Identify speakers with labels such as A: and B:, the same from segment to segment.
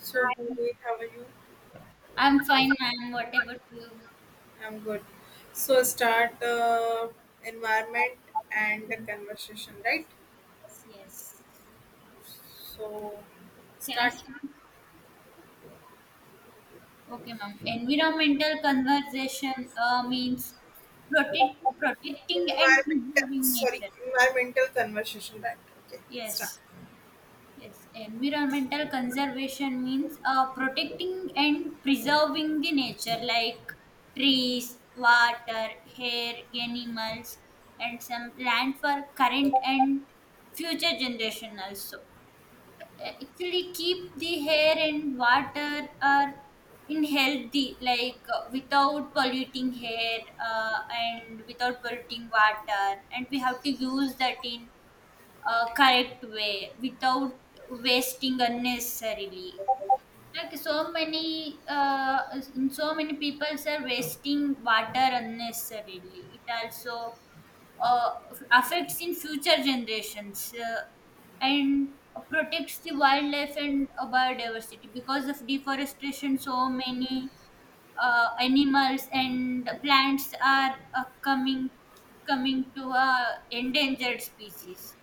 A: So, hi, how are you?
B: I'm fine, ma'am. What about you?
A: I'm good. So, start environment and
B: Yes,
A: the conversation, right?
B: yes, yes.
A: So,
B: Can I
A: start
B: speak? Okay, ma'am. Environmental conservation means protecting and preserving nature.
A: Environmental conversation, right? Okay, start.
B: Yes, yes. Environmental conservation means protecting and preserving the nature, like trees, water, air, animals, and some land for current and future generation also. Actually keep the hair and water are in healthy like without polluting hair, and without polluting water, and we have to use that in a correct way without wasting unnecessarily, like so many in so many people are wasting water unnecessarily. It also uh, affects in future generations, and protects the wildlife and biodiversity. Because of deforestation, so many animals and plants are coming to endangered species.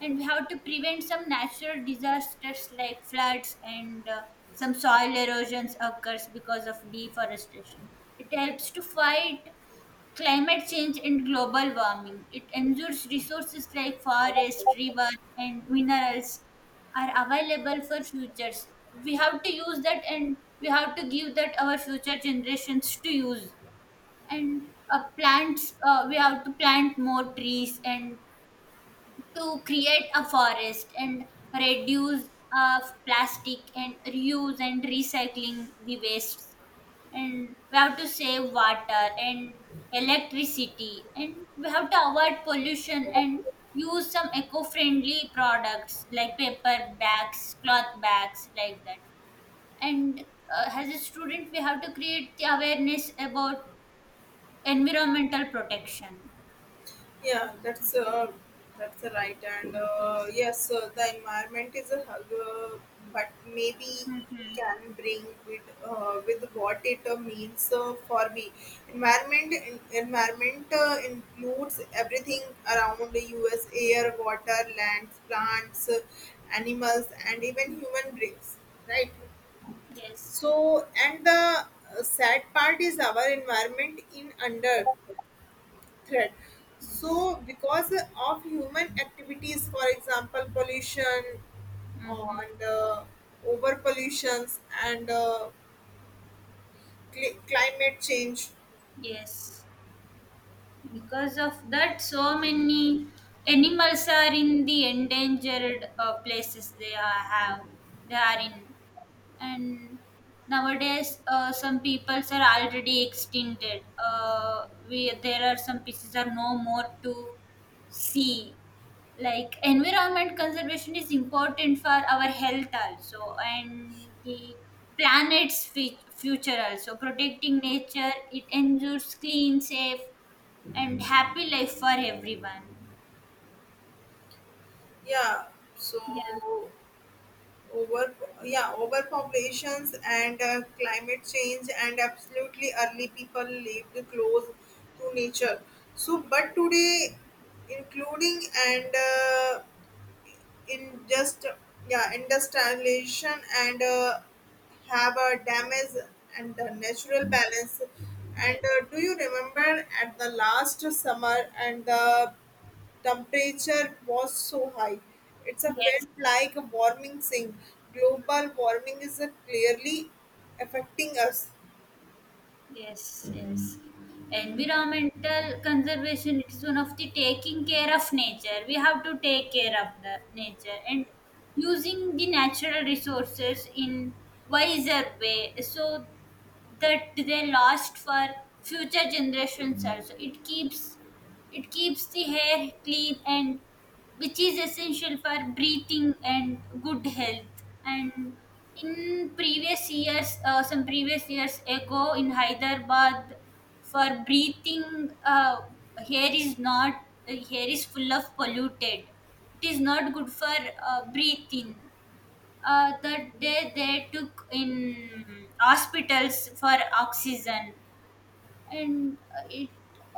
B: And we have to prevent some natural disasters like floods and some soil erosions occurs because of deforestation. It helps to fight climate change and global warming. It ensures resources like forests, rivers, and minerals are available for futures. We have to use that, and we have to give that our future generations to use. And plants we have to plant more trees and to create a forest, and reduce of plastic, and reuse and recycling the wastes. And we have to save water and electricity, and we have to avoid pollution and use some eco-friendly products like paper bags, cloth bags, like that. And as a student, we have to create the awareness about environmental protection.
A: Yeah, that's right. And the environment is a hug, but maybe you
B: Mm-hmm.
A: can bring with what it means for me. Environment includes everything around the U.S. air, water, lands, plants, animals, and even human beings. Right.
B: Yes.
A: And the sad part is our environment in under threat.
B: Yes.
A: So, because of human activities, for example, pollution
B: Mm-hmm.
A: and over pollutions and climate change,
B: Yes, because of that, so many animals are in the endangered places they are, have. They are in, and nowadays some peoples are already extincted. We There are some pieces are no more to see. Like environment conservation is important for our health also, and the planet's future also. Protecting nature, it ensures clean, safe, and happy life for everyone.
A: yeah. So
B: Yeah.
A: over yeah overpopulations and climate change, and absolutely, early people lived close to
B: Yes.
A: nature. So but today including and in just yeah industrialization and have a damage and the natural balance. And
B: Yes,
A: Do you remember at the last summer and the temperature was so high? It's a
B: yes.
A: felt like a warming sink. Global warming is a clearly affecting us.
B: Yes, yes. Environmental conservation, it is one of the taking care of nature. We have to take care of the nature and using the natural resources in wiser way so that they last for future generations also. It keeps the air clean, and which is essential for breathing and good health. And some previous years ago in Hyderabad, for breathing, hair is not, hair is full of polluted. It is not good for breathing. That they took in hospitals for oxygen. And uh, it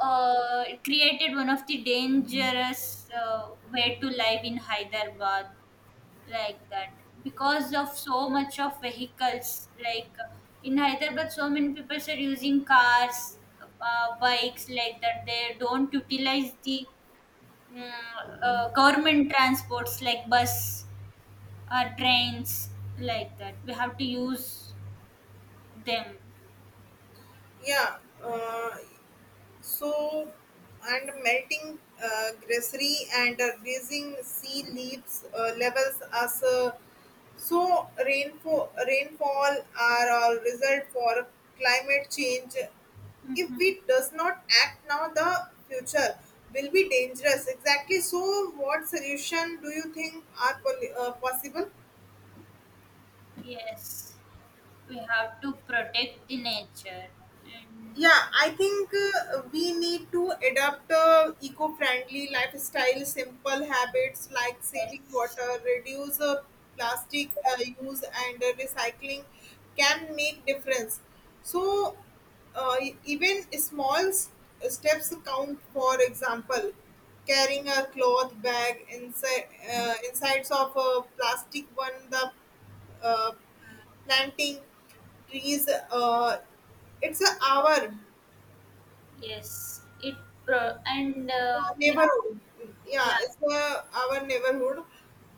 B: uh, it created one of the dangerous way to live in Hyderabad, like that, because of so much of vehicles like in Hyderabad. So many people are using cars, bikes, like that. They don't utilize the mm, government transports like bus, trains, like that. We have to use them.
A: Yeah. Uh, so and melting glacier and raising sea leaves levels, as so rainfall are all result for climate change. If we does not act now, the future will be dangerous. Exactly. So what solution do you think are possible?
B: Yes, we have to protect the nature, and
A: Yeah, I think we need to adopt a eco-friendly lifestyle. Simple habits like saving
B: yes,
A: water, reduce plastic use, and recycling can make difference. So even small steps count. For example, carrying a cloth bag inside insides of a plastic one the uh, planting trees, it's a hour.
B: yes, it pro- and uh, we have.
A: Neighborhood, yeah,
B: Yeah.
A: it's our neighborhood.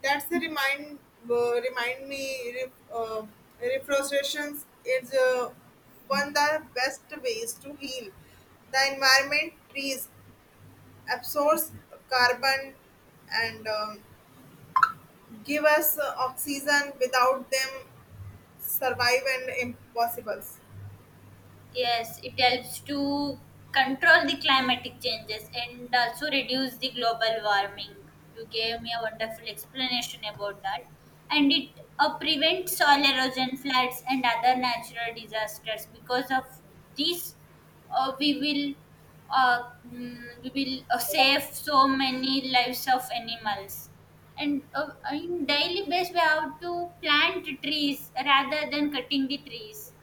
A: That's a remind, uh, remind me ref- uh, refreshments is one of the best ways to heal the environment. Trees absorb carbon and give us oxygen. Without them, survive and impossible.
B: Yes, it helps to control the climatic changes and also reduce the global warming. You gave me a wonderful explanation about that. And it prevents soil erosion, floods, and other natural disasters. Because of this, uh, we will we will save so many lives of animals. And in daily basis, we have to plant trees rather than cutting the trees.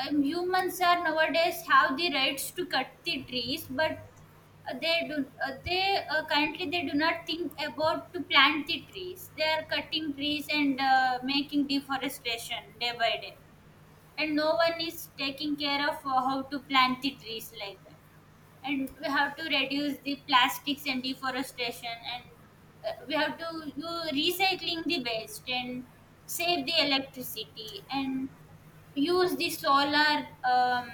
B: And humans are nowadays have the rights to cut the trees, but they do they currently they do not think about to plant the trees. They are cutting trees and making deforestation day by day. And no one is taking care of how to plant the trees, like that. And we have to reduce the plastics and deforestation. And we have to do recycling the waste, and save the electricity, and use the solar um,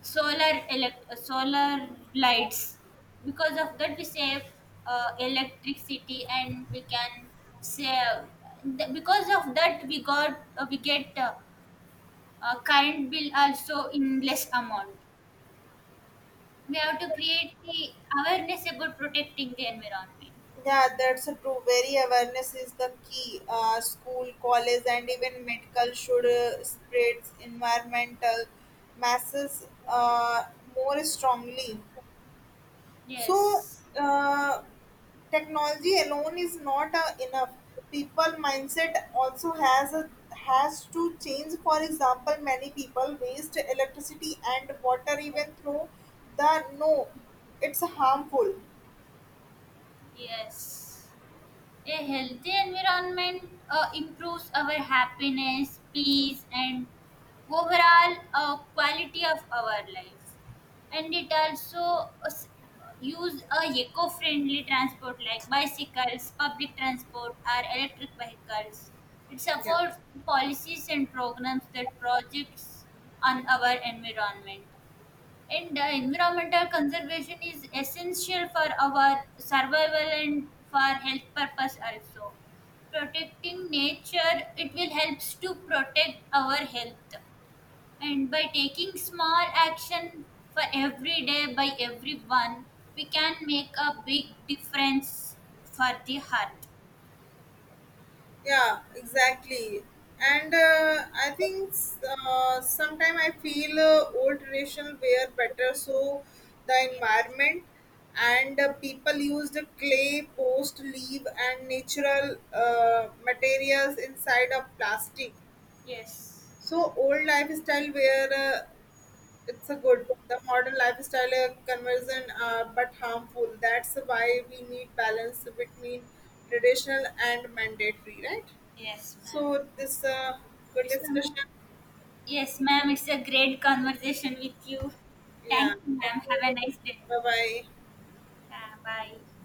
B: solar elect- uh, solar lights. Because of that, we save electricity, and we can save. Because of that, we get current bill also in less amount. We have to create the awareness about protecting the environment.
A: Yeah, that's a true. Very awareness is the key. School, college, and even medical should spread environmental masses more strongly. So,
B: Yes.
A: uh, technology alone is not enough. People mindset also has a has to change. For example, many people waste electricity and water even through the, no, it's harmful.
B: Yes. A healthy environment improves our happiness, peace, and overall quality of our life. And it also use a eco-friendly transport like bicycles, public transport, or electric vehicles. It
A: Yeah.
B: supports policies and programs that projects on our environment. And environmental conservation is essential for our survival and for health purpose also. Protecting nature, it will helps to protect our health. And by taking small action for every day by everyone, we can make a big difference for the heart.
A: Yeah, exactly. And I think sometime I feel old traditional were better. So the
B: Yes,
A: environment, and people used clay post leaf and natural materials inside of plastic.
B: yes,
A: So old lifestyle where it's a good. The modern lifestyle conversion but harmful. That's why we need balance between traditional and mandatory, right?
B: yes, ma'am.
A: So this good
B: It's one of-
A: discussion.
B: yes, ma'am. It's a great conversation with you.
A: Yeah.
B: Thank you, ma'am. Have a
A: Okay.
B: nice day.
A: Bye bye.
B: Yeah. Bye.